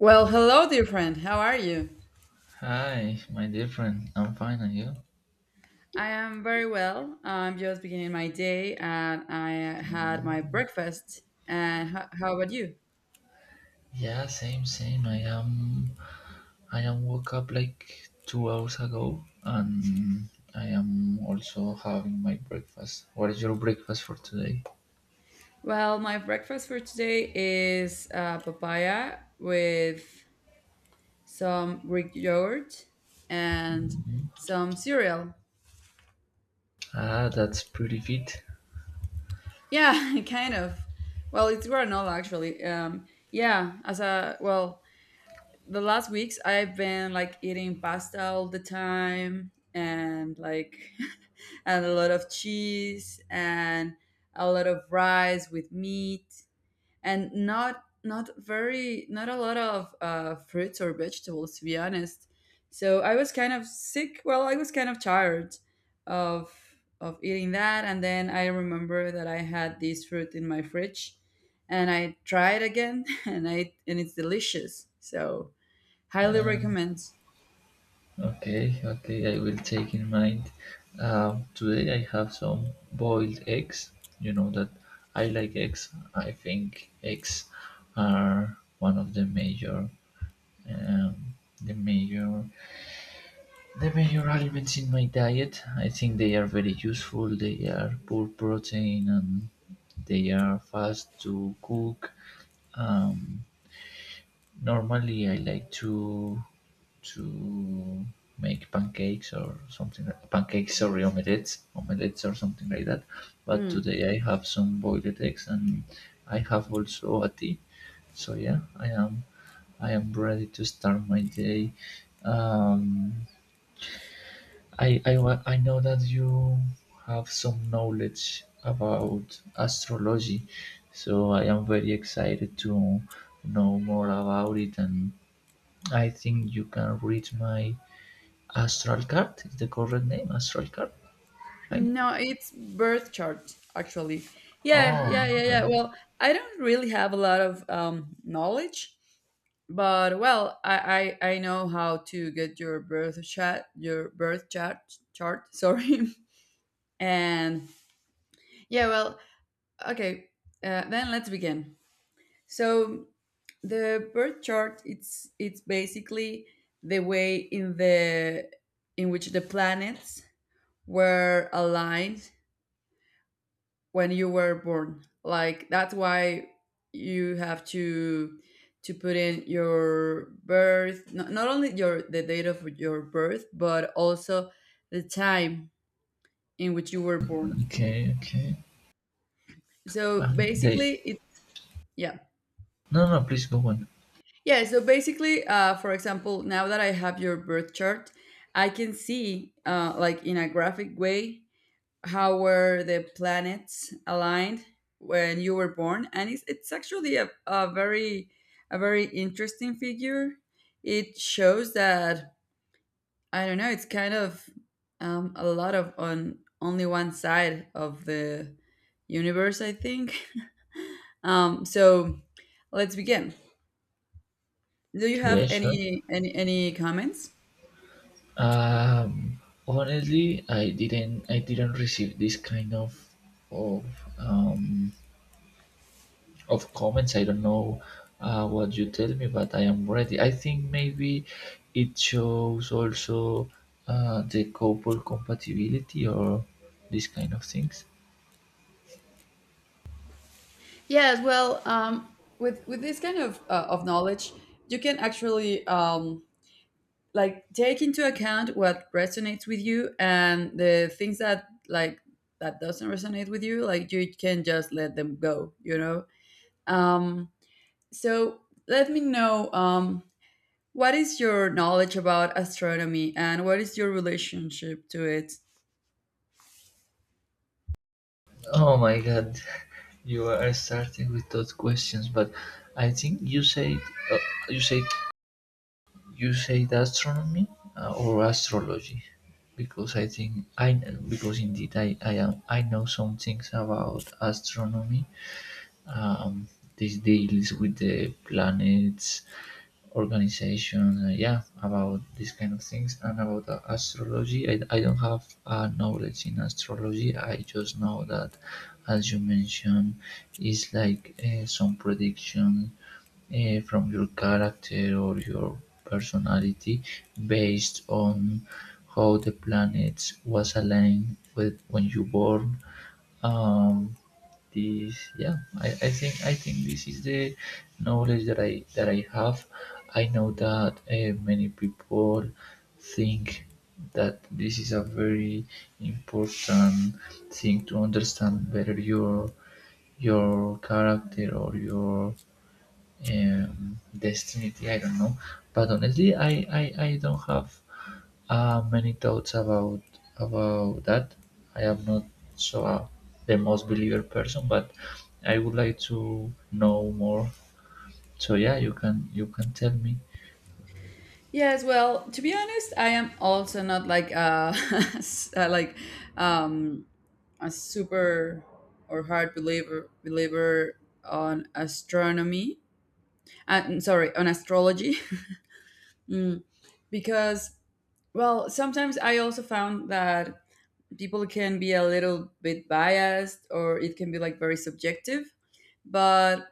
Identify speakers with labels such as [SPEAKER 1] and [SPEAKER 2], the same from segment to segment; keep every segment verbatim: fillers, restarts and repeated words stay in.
[SPEAKER 1] Well, hello, dear friend. How are you?
[SPEAKER 2] Hi, my dear friend. I'm fine, and you?
[SPEAKER 1] I am very well. I'm just beginning my day and I had my breakfast. And ho- how about you?
[SPEAKER 2] Yeah, same, same. I am. I am woke up like two hours ago, and I am also having my breakfast. What is your breakfast for today?
[SPEAKER 1] Well, my breakfast for today is uh, papaya with some Greek yogurt and some cereal.
[SPEAKER 2] Ah, that's pretty fit.
[SPEAKER 1] Yeah, kind of. Well, it's granola actually. Um, yeah, as a well, the last weeks I've been like eating pasta all the time and like and a lot of cheese and a lot of rice with meat and not not very not a lot of uh, fruits or vegetables to be honest. So I was kind of sick. Well, I was kind of tired of of eating that, and then I remember that I had this fruit in my fridge and I tried again and I and it's delicious. So highly
[SPEAKER 2] Um,
[SPEAKER 1] recommends.
[SPEAKER 2] okay, okay. I will take in mind. Um, today I have some boiled eggs. You know that I like eggs. I think eggs are one of the major, um, the major the major aliments in my diet. I think they are very useful. They are poor protein, and they are fast to cook. Um, Normally, I like to to make pancakes or something. Pancakes, sorry, omelettes, omelettes or something like that. But
[SPEAKER 1] Mm.
[SPEAKER 2] today I have some boiled eggs, and I have also a tea. So yeah, I am I am ready to start my day. Um, I, I, wa- I know that you have some knowledge about astrology, so I am very excited to know more about it. And I think you can read my astral card, is the correct name, astral card, right?
[SPEAKER 1] No, it's birth chart actually. Yeah,
[SPEAKER 2] Oh,
[SPEAKER 1] yeah, yeah,
[SPEAKER 2] yeah,
[SPEAKER 1] yeah. Well, I don't really have a lot of um, knowledge, but well, I, I I know how to get your birth chat, your birth chart chart. Sorry, and yeah, well, okay. Uh, then let's begin. So the birth chart, it's it's basically the way in the in which the planets were aligned when you were born. Like that's why you have to to put in your birth, not, not only your the date of your birth, but also the time in which you were born.
[SPEAKER 2] okay, okay.
[SPEAKER 1] So
[SPEAKER 2] And they,
[SPEAKER 1] basically, it yeah
[SPEAKER 2] no, no, please go on.
[SPEAKER 1] yeah. So basically, uh, for example, now that I have your birth chart, I can see uh, like in a graphic way how were the planets aligned when you were born, and it's, it's actually a, a very a very interesting figure. It shows that I don't know, it's kind of um, a lot of on only one side of the universe I think. Um, so let's begin. Do you have
[SPEAKER 2] Yeah, sure.
[SPEAKER 1] any any any comments?
[SPEAKER 2] Um, Honestly, I didn't, I didn't receive this kind of, of, um, of comments. I don't know uh, what you tell me, but I am ready. I think maybe it shows also uh, the couple compatibility or these kind of things.
[SPEAKER 1] Yes, well, um, with with this kind of uh, of knowledge you can actually um, like take into account what resonates with you, and the things that like that doesn't resonate with you, like you can just let them go, you know. um so let me know um what is your knowledge about astronomy and what is your relationship to it.
[SPEAKER 2] Oh my God, you are starting with those questions, but I think you said uh, you said you said astronomy uh, or astrology, because I think I because indeed I, I am I know some things about astronomy. Um, this deals with the planets, organization, uh, yeah, about these kind of things. And about uh, astrology, I, I don't have uh, knowledge in astrology. I just know that, as you mentioned, it's like uh, some prediction uh, from your character or your personality, based on how the planets was aligned with when you born. Um, this yeah, I, I think I think this is the knowledge that I that I have. I know that uh, many people think that this is a very important thing to understand better your your character or your um, destiny, I don't know. But honestly, I, I I don't have, ah, many thoughts about about that. I am not so uh, the most believer person, but I would like to know more. So yeah, you can you can tell me.
[SPEAKER 1] Yes, well, to be honest, I am also not like a, s- uh like um a super or hard believer believer on astronomy, uh, sorry, on astrology, because, well, sometimes I also found that people can be a little bit biased, or it can be like very subjective. But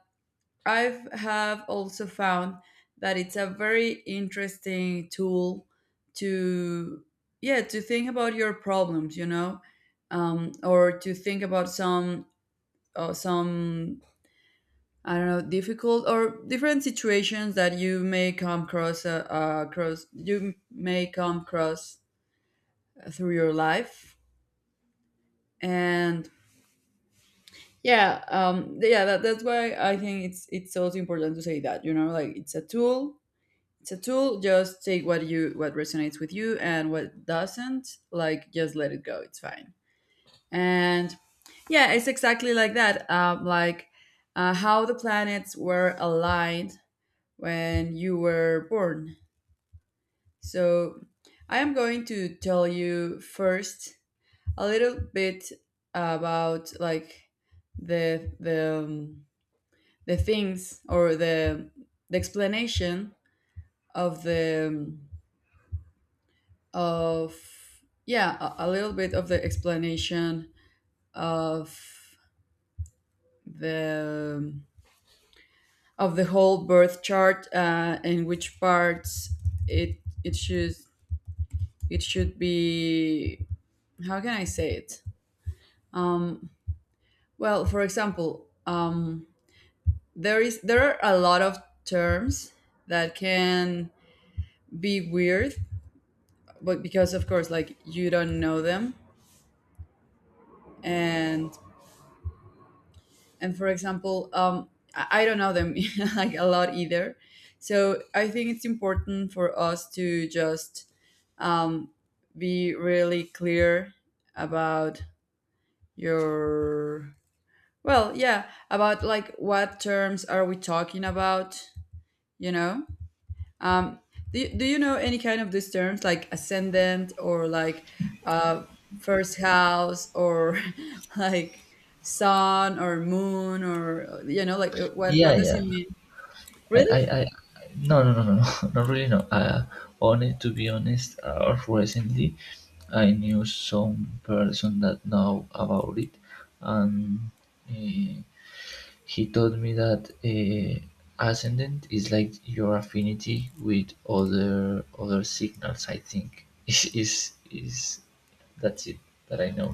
[SPEAKER 1] I've have also found that it's a very interesting tool to, yeah, to think about your problems, you know, um, or to think about some uh, some I don't know, difficult or different situations that you may come across, uh, uh, across you may come across through your life, and yeah, um, yeah, that, that's why I think it's it's also important to say that, you know, like it's a tool, it's a tool. Just take what you what resonates with you and what doesn't, like just let it go. It's fine, and yeah, it's exactly like that. Um, like uh, how the planets were aligned when you were born. So, I am going to tell you first a little bit about like the the um, the things or the the explanation of the um, of yeah a, a little bit of the explanation of the um, of the whole birth chart, uh, and which parts it it should it should be, how can I say it. Well, for example, um, there is there are a lot of terms that can be weird, but because of course, like you don't know them, and and for example, um, I, I don't know them like a lot either. So I think it's important for us to just um, be really clear about your well, yeah, about like what terms are we talking about, you know? Um, do, you- do you know any kind of these terms like ascendant or like uh, first house or like sun or moon, or you know, like uh, what what
[SPEAKER 2] Yeah,
[SPEAKER 1] does
[SPEAKER 2] yeah.
[SPEAKER 1] it mean?
[SPEAKER 2] I
[SPEAKER 1] Really?
[SPEAKER 2] I, I No, no, no, no, no, not really, no. Uh, only to be honest, uh, recently I knew some person that know about it, and. eh, He taught me that eh, ascendant is like your affinity with other other signals. I think is is is that's it that I know.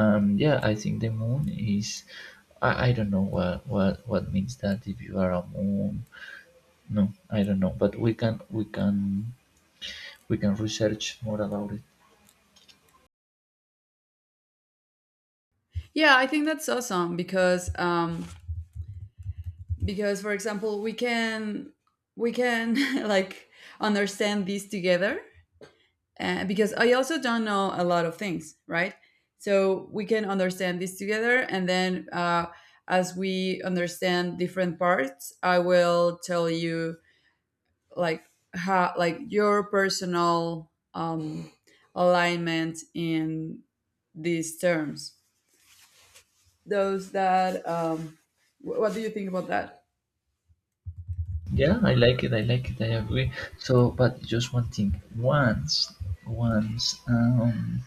[SPEAKER 2] Um, yeah, I think the moon is. I, I don't know what, what what means that if you are a moon. No, I don't know. But we can we can we can research more about it.
[SPEAKER 1] Yeah, I think that's awesome because um, because for example we can we can like understand these together, uh, because I also don't know a lot of things, right? So we can understand this together, and then uh, as we understand different parts, I will tell you like how like your personal um, alignment in these terms. Those that um, wh- what do you think about that?
[SPEAKER 2] Yeah, I like it. I like it. I agree. So, but just one thing. Once, once. Um,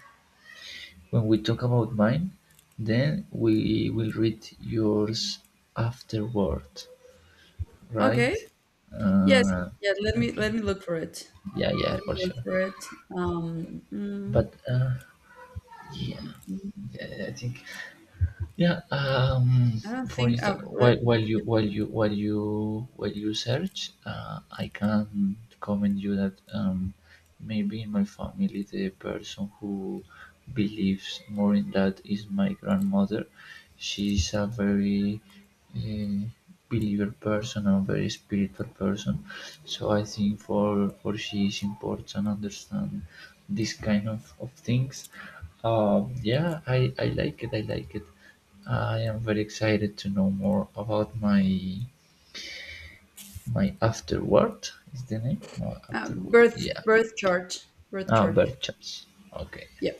[SPEAKER 2] When we talk about mine, then we will read yours afterward,
[SPEAKER 1] Okay.
[SPEAKER 2] right?
[SPEAKER 1] Yes.
[SPEAKER 2] Uh,
[SPEAKER 1] Yeah. Let me
[SPEAKER 2] okay.
[SPEAKER 1] let me look for it.
[SPEAKER 2] Yeah, yeah,
[SPEAKER 1] Let me
[SPEAKER 2] for
[SPEAKER 1] look
[SPEAKER 2] sure.
[SPEAKER 1] for it. Um, mm,
[SPEAKER 2] But uh, yeah,
[SPEAKER 1] mm,
[SPEAKER 2] yeah, I think yeah. Um,
[SPEAKER 1] I don't
[SPEAKER 2] for
[SPEAKER 1] think. Uh,
[SPEAKER 2] instance,
[SPEAKER 1] let,
[SPEAKER 2] while while you while you while you while you search, uh, I can comment you that um, maybe in my family the person who believes more in that is my grandmother. She's a very uh, believer person and very spiritual person. So I think for for she is important understand this kind of, of things. Um, yeah, I, I like it. I like it. I am very excited to know more about my my afterword. Is the name? No,
[SPEAKER 1] Uh,
[SPEAKER 2] afterword.
[SPEAKER 1] birth
[SPEAKER 2] Yeah.
[SPEAKER 1] birth chart birth
[SPEAKER 2] Ah,
[SPEAKER 1] chart.
[SPEAKER 2] Berchtesgaden. Okay.
[SPEAKER 1] Yeah.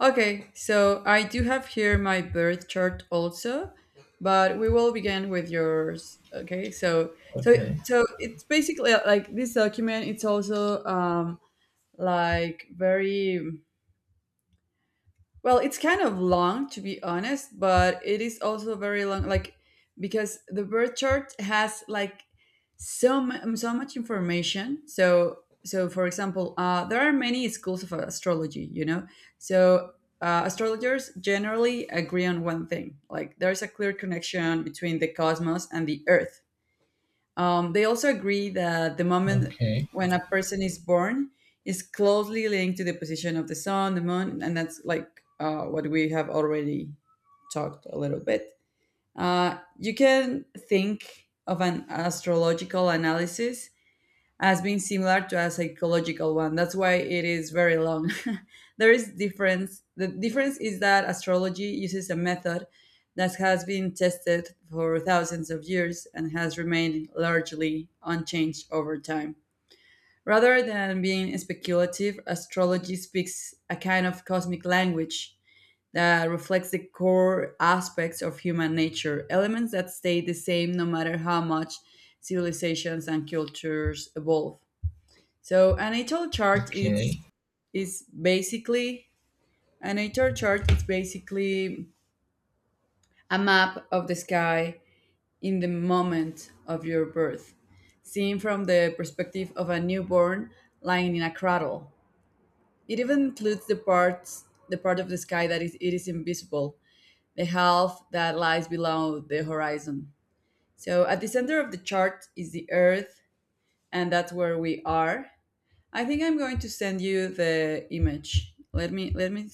[SPEAKER 1] Okay, so I do have here my birth chart also, but we will begin with yours. Okay, so so
[SPEAKER 2] Okay.
[SPEAKER 1] so it's basically uh, like this document, it's also um like very, well, it's kind of long to be honest, but it is also very long, like because the birth chart has like so mu- so much information. So so for example, uh, there are many schools of astrology, you know. So uh, astrologers generally agree on one thing, like there's a clear connection between the cosmos and the earth. Um, they also agree that the moment
[SPEAKER 2] Okay,
[SPEAKER 1] when a person is born is closely linked to the position of the sun, the moon, and that's like uh, what we have already talked a little bit. Uh, you can think of an astrological analysis has been similar to a psychological one. That's why it is very long. There is difference. The difference is that astrology uses a method that has been tested for thousands of years and has remained largely unchanged over time. Rather than being speculative, astrology speaks a kind of cosmic language that reflects the core aspects of human nature, elements that stay the same no matter how much civilizations and cultures evolve. So an H R chart
[SPEAKER 2] okay,
[SPEAKER 1] is is basically an H R chart is basically a map of the sky in the moment of your birth, seen from the perspective of a newborn lying in a cradle. It even includes the parts the part of the sky that is it is invisible, the half that lies below the horizon. So at the center of the chart is the earth, and that's where we are. I think I'm going to send you the image. Let me let me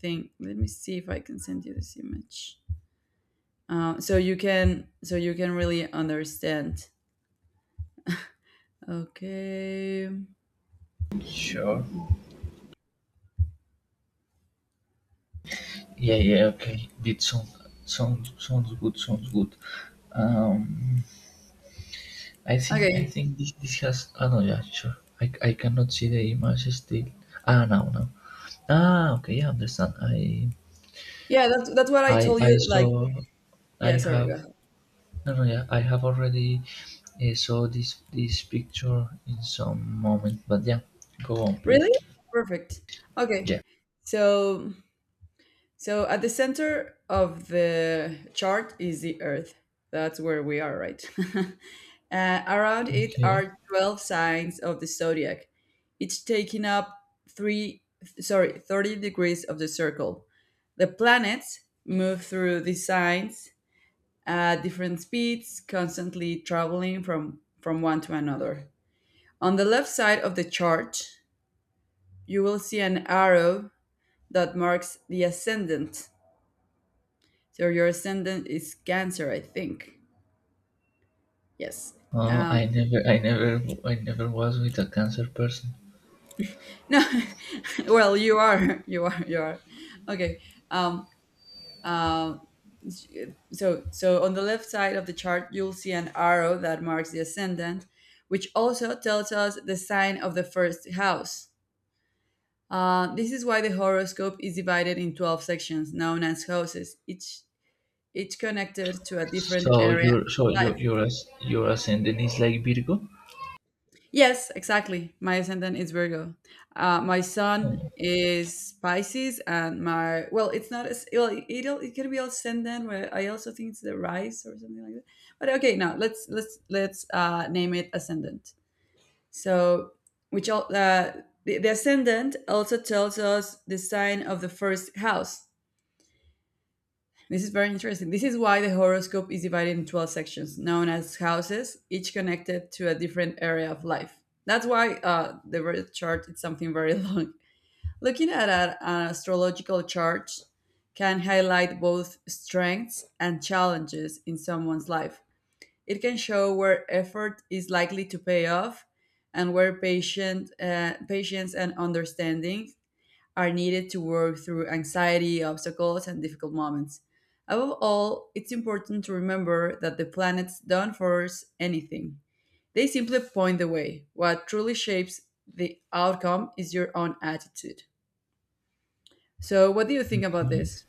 [SPEAKER 1] think. Let me see if I can send you this image. Uh, so you can so you can really understand. Okay.
[SPEAKER 2] sure. Yeah, yeah, okay. Did sounds sounds sounds good, sounds good. Um, I think I
[SPEAKER 1] Okay.
[SPEAKER 2] think this this has. Ah, no, yeah, sure. I, I cannot see the image still. Ah, no, no. Ah, okay, yeah, understand. I
[SPEAKER 1] Yeah, that's that's what I
[SPEAKER 2] I
[SPEAKER 1] told
[SPEAKER 2] I
[SPEAKER 1] you. Like,
[SPEAKER 2] saw. I
[SPEAKER 1] yeah. Sorry.
[SPEAKER 2] have.
[SPEAKER 1] Go ahead.
[SPEAKER 2] No, no, yeah. I have already uh, saw this this picture in some moment. But yeah, go on
[SPEAKER 1] Really?
[SPEAKER 2] please.
[SPEAKER 1] Perfect. Okay.
[SPEAKER 2] Yeah.
[SPEAKER 1] So so at the center of the chart is the Earth. That's where we are, right? Uh, around it
[SPEAKER 2] Okay.
[SPEAKER 1] are twelve signs of the zodiac, each taking up 3 sorry, thirty degrees of the circle. The planets move through these signs at different speeds, constantly traveling from from one to another. On the left side of the chart, you will see an arrow that marks the ascendant. So your ascendant is Cancer, I think. Yes.
[SPEAKER 2] Uh,
[SPEAKER 1] Um,
[SPEAKER 2] I never, I never, I never was with a Cancer person.
[SPEAKER 1] no, well, you are, you are, you are. Okay. Um, Uh. So, so on the left side of the chart, you'll see an arrow that marks the ascendant, which also tells us the sign of the first house. Uh, this is why the horoscope is divided in twelve sections, known as houses, each each connected to a different
[SPEAKER 2] So
[SPEAKER 1] area
[SPEAKER 2] you're, so
[SPEAKER 1] of
[SPEAKER 2] you're,
[SPEAKER 1] life.
[SPEAKER 2] you're, as, your ascendant is like Virgo.
[SPEAKER 1] Yes, exactly. My ascendant is Virgo. Uh, my sun
[SPEAKER 2] Oh,
[SPEAKER 1] is Pisces, and my well, it's not as well. It it can be ascendant, where I also think it's the rise or something like that. But okay, now let's let's let's uh, name it ascendant. So, which all uh, the, the ascendant also tells us the sign of the first house. This is very interesting. This is why the horoscope is divided in twelve sections, known as houses, each connected to a different area of life. That's why uh, the birth chart is something very long. Looking at a- an astrological chart can highlight both strengths and challenges in someone's life. It can show where effort is likely to pay off and where patient, uh, patience and understanding are needed to work through anxiety, obstacles, and difficult moments. Above all, it's important to remember that the planets don't force anything, they simply point the way. What truly shapes the outcome is your own attitude. So, what do you think about
[SPEAKER 2] okay.
[SPEAKER 1] this?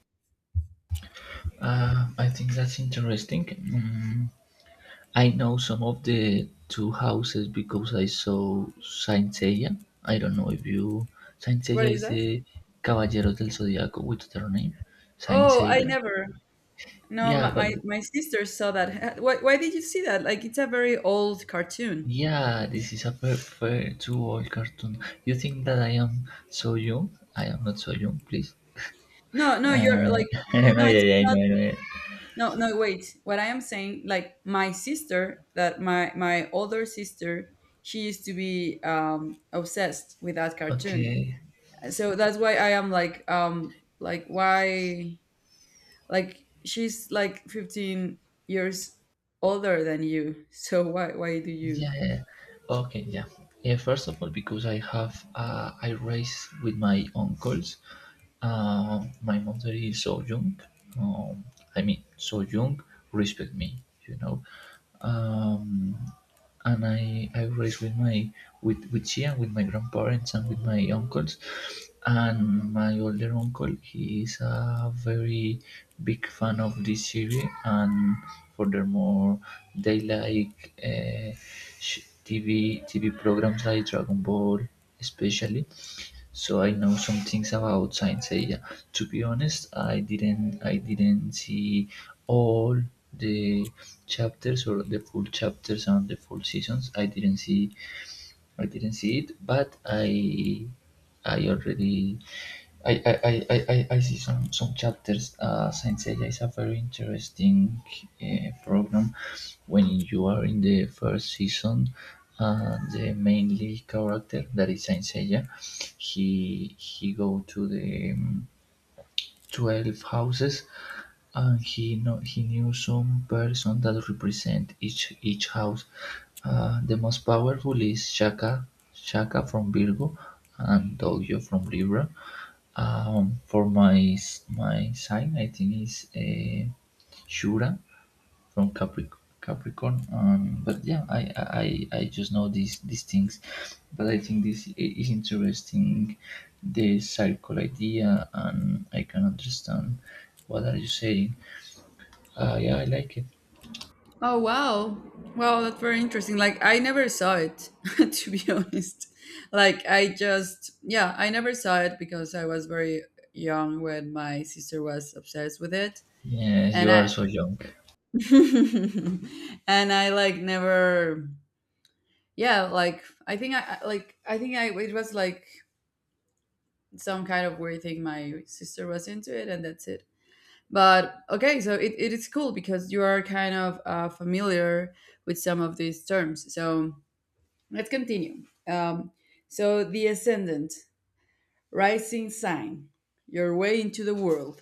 [SPEAKER 2] Uh, I think that's interesting. Mm, I know some of the two houses because I saw Saint Seiya. I don't know if you. Saint Seiya
[SPEAKER 1] What is
[SPEAKER 2] is
[SPEAKER 1] that?
[SPEAKER 2] the Caballeros del Zodiaco with their name. Saint
[SPEAKER 1] Oh, I
[SPEAKER 2] Seiya.
[SPEAKER 1] never. No,
[SPEAKER 2] Yeah,
[SPEAKER 1] my,
[SPEAKER 2] but
[SPEAKER 1] my, my sister saw that. Why, why did you see that? Like, it's a very old cartoon.
[SPEAKER 2] yeah, this is a perfect two-hour cartoon. You think that I am so young? I am not so young, please.
[SPEAKER 1] No, no, you're
[SPEAKER 2] Uh,
[SPEAKER 1] like,
[SPEAKER 2] no,
[SPEAKER 1] no,
[SPEAKER 2] yeah,
[SPEAKER 1] it's
[SPEAKER 2] yeah, I know,
[SPEAKER 1] not.
[SPEAKER 2] I know. Yeah.
[SPEAKER 1] No, no, wait. What I am saying, like my sister, that my my older sister, she used to be um, obsessed with that cartoon.
[SPEAKER 2] Okay,
[SPEAKER 1] So that's why I am like, um, like why, like she's like fifteen years older than you. So why why do you?
[SPEAKER 2] yeah, yeah. Okay, yeah. Yeah, first of all, because I have uh, I raised with my uncles. Uh, my mother is so young. Um, I mean, so young. Respect me, you know. Um, and I I raised with my with with she, and with my grandparents, and with my uncles. And my older uncle, he is a very big fan of this series, and furthermore, they like uh, sh- T V T V programs like Dragon Ball, especially. So I know some things about Saint Seiya. To be honest, I didn't I didn't see all the chapters, or the full chapters and the full seasons. I didn't see I didn't see it, but I I already I I, I, I, I- I see some some chapters. Uh, Saint Seiya is a very interesting uh, program when you are in the first season. Uh, the mainly character that is Saint Seiya, he he go to the um, twelve houses, and he know, he knew some person that represent each each house. Uh, the most powerful is Shaka, Shaka from Virgo, and Dojo from Libra. Um, for my s- my sign, I think is uh, Shura from Capric Capricorn. Um, but yeah, I, I I just know these these things, but I think this i- is interesting, the circle idea, and I can understand what are you saying. Uh, yeah, I like it.
[SPEAKER 1] Oh, wow. Wow, that's very interesting. Like I never saw it to be honest. Like I just yeah, I never saw it because I was very young when my sister was obsessed with it.
[SPEAKER 2] Yes,
[SPEAKER 1] And
[SPEAKER 2] you
[SPEAKER 1] I
[SPEAKER 2] are so young.
[SPEAKER 1] and I like never, yeah, like I think I I- like I think I it was like some kind of weird thing my sister was into it, and that's it. But okay, so it, it is cool because you are kind of uh, familiar with some of these terms. So let's continue. Um, so, the ascendant, rising sign, your way into the world.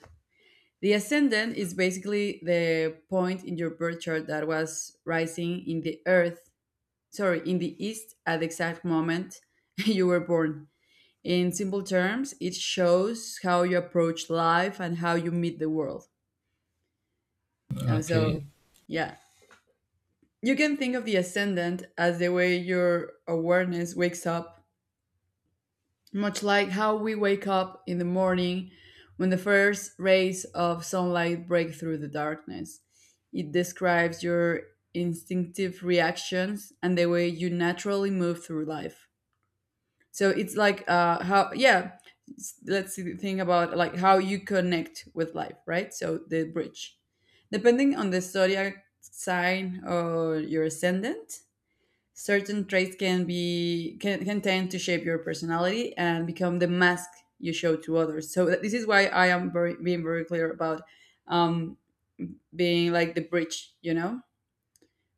[SPEAKER 1] The ascendant is basically the point in your birth chart that was rising in the earth, sorry, in the east at the exact moment you were born. In simple terms, it shows how you approach life and how you meet the world. Uh,
[SPEAKER 2] Okay,
[SPEAKER 1] so, yeah. You can think of the ascendant as the way your awareness wakes up, much like how we wake up in the morning when the first rays of sunlight break through the darkness. It describes your instinctive reactions and the way you naturally move through life. So it's like uh, how, yeah, s- let's see- think about like how you connect with life, right? So the bridge. Depending on the zodiac sign or your ascendant, certain traits can be can, can tend to shape your personality and become the mask you show to others, so that- this is why I am very being very clear about um being like the bridge, you know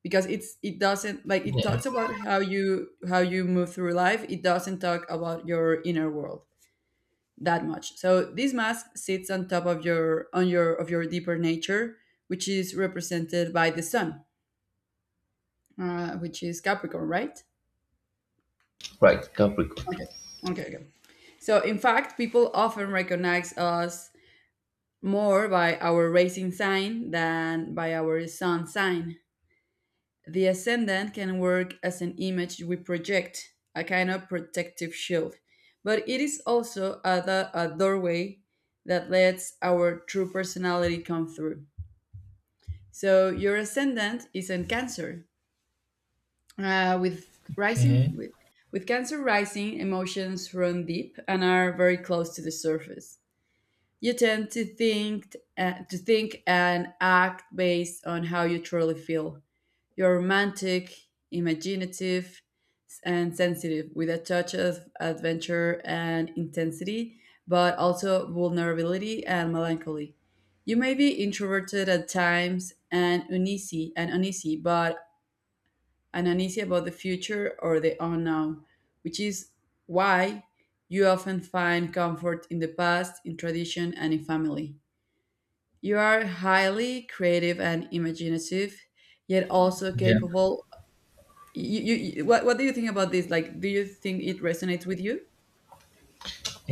[SPEAKER 1] because it's it doesn't, like, it
[SPEAKER 2] yeah,
[SPEAKER 1] talks about how you how you move through life. It doesn't talk about your inner world that much, so this mask sits on top of your on your of your deeper nature, which is represented by the sun, uh, which is Capricorn, right?
[SPEAKER 2] right, Capricorn.
[SPEAKER 1] Okay. Okay, okay. So, in fact, people often recognize us more by our rising sign than by our sun sign. The ascendant can work as an image we project, a kind of protective shield, but it is also a, do- a doorway that lets our true personality come through. So, your ascendant is in Cancer, uh, with
[SPEAKER 2] Okay,
[SPEAKER 1] rising with, with Cancer rising, emotions run deep and are very close to the surface. You tend to think uh, to think and act based on how you truly feel. You're romantic, imaginative, and sensitive, with a touch of adventure and intensity, but also vulnerability and melancholy. You may be introverted at times and uneasy and uneasy, but and uneasy about the future or the unknown, which is why you often find comfort in the past, in tradition, and in family. You are highly creative and imaginative, yet also
[SPEAKER 2] yeah.
[SPEAKER 1] capable. You, you, you- what, what do you think about this? Like, do you think it resonates with you?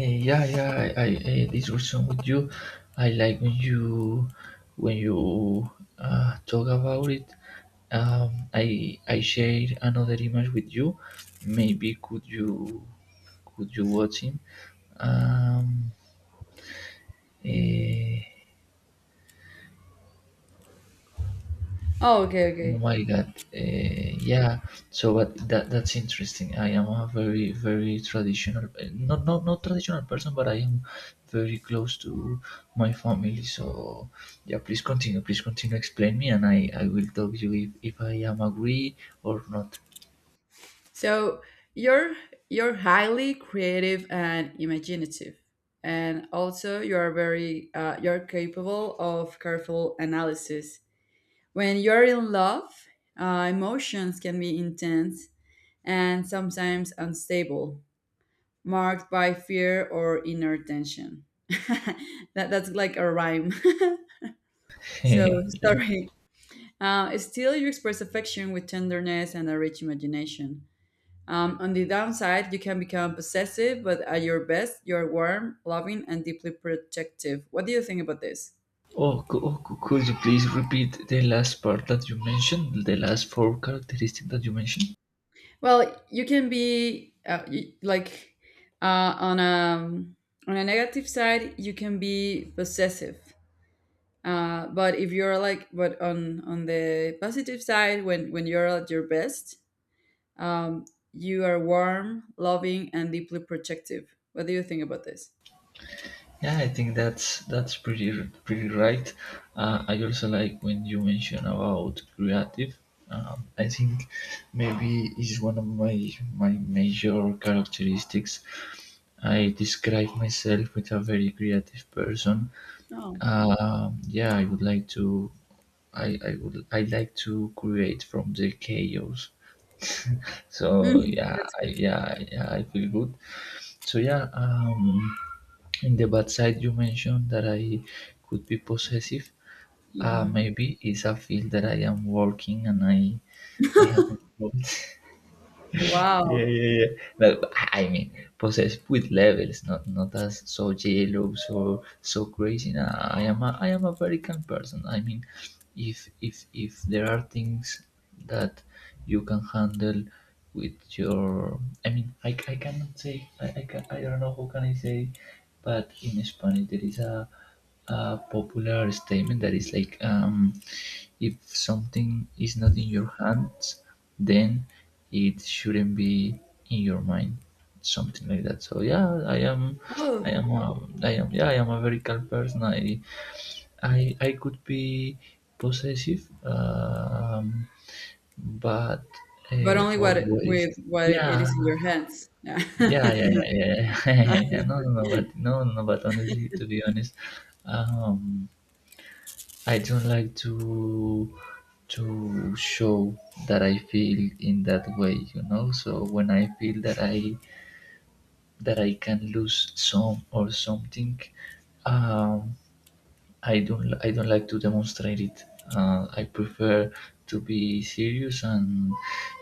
[SPEAKER 2] Eh, yeah, yeah, I, I, I this reason with you. I like when you when you uh, talk about it. Um, I I share another image with you. Maybe could you could you watch him? Um,
[SPEAKER 1] Mm.
[SPEAKER 2] eh,
[SPEAKER 1] Oh, okay,
[SPEAKER 2] Oh
[SPEAKER 1] okay.
[SPEAKER 2] my God. Uh, yeah. So, but that that's interesting. I am a very, very traditional, eh, not not not traditional person, but I am very close to my family. So, yeah. Please continue. Please continue. Explain me, and I I will tell you if if I am agree or not.
[SPEAKER 1] So you're you're highly creative and imaginative, and also you are very uh, you're capable of careful analysis. When you're in love, uh, emotions can be intense and sometimes unstable, marked by fear or inner tension. that, that's like a rhyme. So,
[SPEAKER 2] Yeah.
[SPEAKER 1] sorry. Uh, still, you express affection with tenderness and a rich imagination. Um, on the downside, you can become possessive, but at your best, you're warm, loving, and deeply protective. What do you think about this?
[SPEAKER 2] Oh, cou- oh, cou- could you please repeat the last part that you mentioned? The last four characteristics that you mentioned.
[SPEAKER 1] Well, you can be uh, y like, uh, on a um, on a negative side, you can be possessive. Uh, but if you're like, but on on the positive side, when when you're at your best, um, you are warm, loving, and deeply protective. What do you think about this?
[SPEAKER 2] Yeah, I think that's that's pretty, pretty right. Uh, I also like when you mention about creative. Um, I think maybe is one of my my major characteristics. I describe myself with a very creative person.
[SPEAKER 1] No.
[SPEAKER 2] Um, yeah, I would like to. I, I would I like to create from the chaos. So
[SPEAKER 1] Mhm,
[SPEAKER 2] yeah,
[SPEAKER 1] that's
[SPEAKER 2] I,
[SPEAKER 1] cool!
[SPEAKER 2] yeah, yeah, I feel good. So yeah, um, in the bad side, you mentioned that I could be possessive. Uh,
[SPEAKER 1] Hmm.
[SPEAKER 2] maybe it's a field that I am working, and I, I have not. Yeah,
[SPEAKER 1] Wow.
[SPEAKER 2] yeah, yeah. No, but I mean, possessed with levels, not not as so jealous or so crazy. Nah, I am a I am a very calm person. I mean, if if if there are things that you can handle with your, I mean, I, I cannot say, I, I can, I don't know how can I say, but in Spanish there is a a popular statement that is like, um, if something is not in your hands, then it shouldn't be in your mind, something like that. So yeah, I am I
[SPEAKER 1] Oh,
[SPEAKER 2] am a, I am yeah, I am a very calm person. I I, I could be possessive, um but
[SPEAKER 1] but
[SPEAKER 2] uh,
[SPEAKER 1] only what
[SPEAKER 2] always.
[SPEAKER 1] with what it
[SPEAKER 2] Yeah,
[SPEAKER 1] is in your hands. Yeah.
[SPEAKER 2] yeah, yeah, yeah, yeah, yeah. Yeah, no no no, but no no no, but honestly, to be honest, um I don't like to to show that I feel in that way, you know. So when I feel that I that I can lose some or something, um, I don't, I don't like to demonstrate it. Uh, I prefer to be serious, and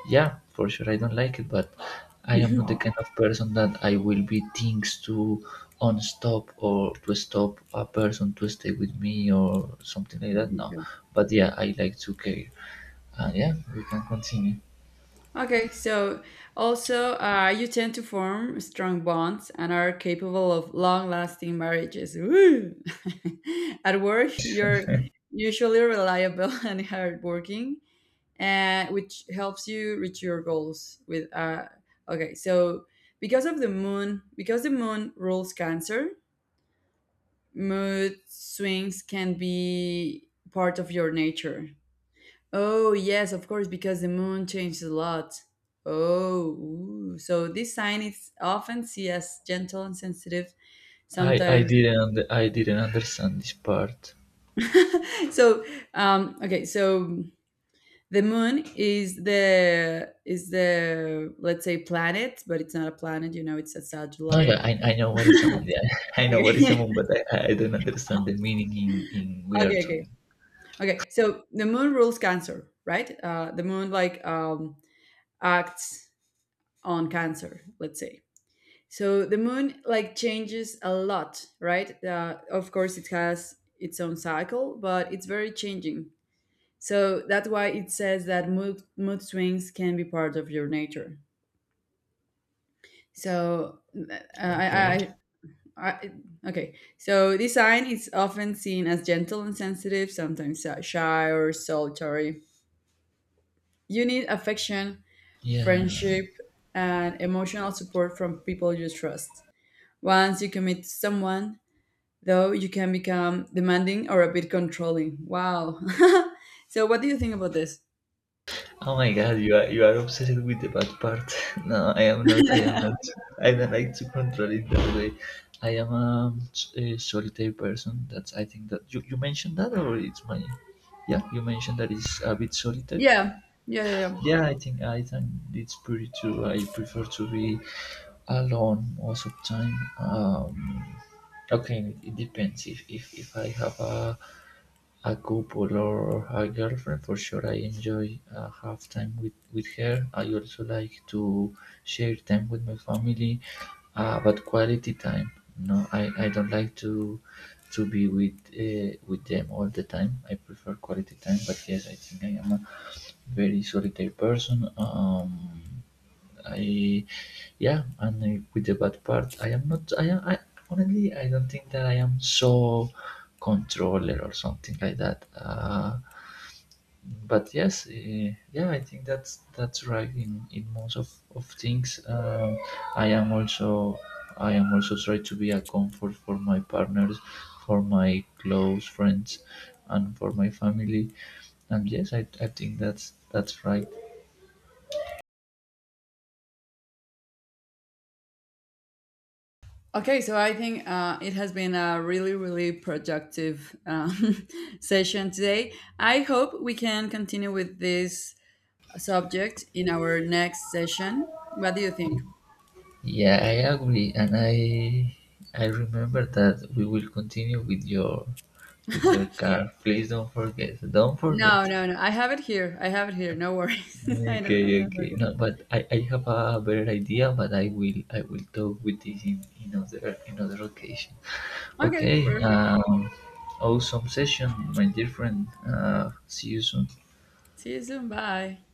[SPEAKER 2] yeah, for sure I don't like it, but I am not the kind of person that I will be things to unstop, or to stop a person to stay with me or something like that. No,
[SPEAKER 1] Okay.
[SPEAKER 2] but yeah, I like to care. Uh, yeah, we can continue.
[SPEAKER 1] Okay, so also uh, you tend to form strong bonds and are capable of long-lasting marriages. Woo! At work, you're usually reliable and hardworking, and which helps you reach your goals. With uh, Okay, so because of the moon, because the moon rules Cancer, mood swings can be part of your nature. Oh, yes, of course, because the moon changes a lot. Oh, ooh. So this sign is often seen as gentle and sensitive
[SPEAKER 2] I I
[SPEAKER 1] sometimes.
[SPEAKER 2] didn't und- I didn't understand this part.
[SPEAKER 1] So, um, okay, so the moon is the is the let's say planet, but it's not a planet. You know, it's a
[SPEAKER 2] No,
[SPEAKER 1] satellite.
[SPEAKER 2] yeah, I, I know what is a moon. Yeah, I know what is a
[SPEAKER 1] Okay,
[SPEAKER 2] moon, but I, I don't understand the meaning in in we are
[SPEAKER 1] okay, okay,
[SPEAKER 2] talking.
[SPEAKER 1] okay. So the moon rules Cancer, right? Uh, the moon, like, um, acts on Cancer, let's say. So the moon, like, changes a lot, right? Uh, of course, it has its own cycle, but it's very changing. So that's why it says that mood mood swings can be part of your nature. So uh, I,
[SPEAKER 2] Okay.
[SPEAKER 1] I, I okay. So this sign is often seen as gentle and sensitive, sometimes uh, shy or solitary. You need affection,
[SPEAKER 2] Yeah.
[SPEAKER 1] friendship, and emotional support from people you trust. Once you commit to someone, though you can become demanding or a bit controlling. Wow. So, what do you think about this?
[SPEAKER 2] Oh my God, you are you are obsessed with the bad part. No, I am not. I am not. I don't like to control it that way. I am a, a solitary person. That's, I think that you, you mentioned that, or it's my, yeah, you mentioned that it's a bit solitary.
[SPEAKER 1] Yeah, yeah, yeah, yeah.
[SPEAKER 2] Yeah, I think I think it's pretty true. I prefer to be alone most of the time. Um, okay, it depends if if if I have a a couple or a girlfriend. For sure, I enjoy uh, have time with, with her. I also like to share time with my family, uh, but quality time. No, I, I don't like to to be with uh, with them all the time. I prefer quality time. But yes, I think I am a very solitary person. Um I Yeah, and uh, with the bad part, I am not. I am. I, honestly, I don't think that I am so controller or something like that. Uh, but yes, uh, yeah, I think that's that's right in in most of of things. Um, I am also I am also trying to be a comfort for my partners, for my close friends, and for my family. And yes, I, I think that's that's right.
[SPEAKER 1] Okay, so I think uh, it has been a really, really productive um, session today. I hope we can continue with this subject in our next session. What do you think?
[SPEAKER 2] Yeah, I agree, and I I remember that we will continue with your with your car. Please don't forget. Don't
[SPEAKER 1] No,
[SPEAKER 2] forget.
[SPEAKER 1] no, no. I have it here. I have it here. No worries. I, don't, I
[SPEAKER 2] Okay,
[SPEAKER 1] never
[SPEAKER 2] okay.
[SPEAKER 1] did.
[SPEAKER 2] No, but I, I have a better idea, but I will I will talk with this in, in other, in other occasion.
[SPEAKER 1] Okay,
[SPEAKER 2] Okay.
[SPEAKER 1] perfect.
[SPEAKER 2] Um, awesome session, my dear friend. Uh, see you soon.
[SPEAKER 1] See you soon. Bye.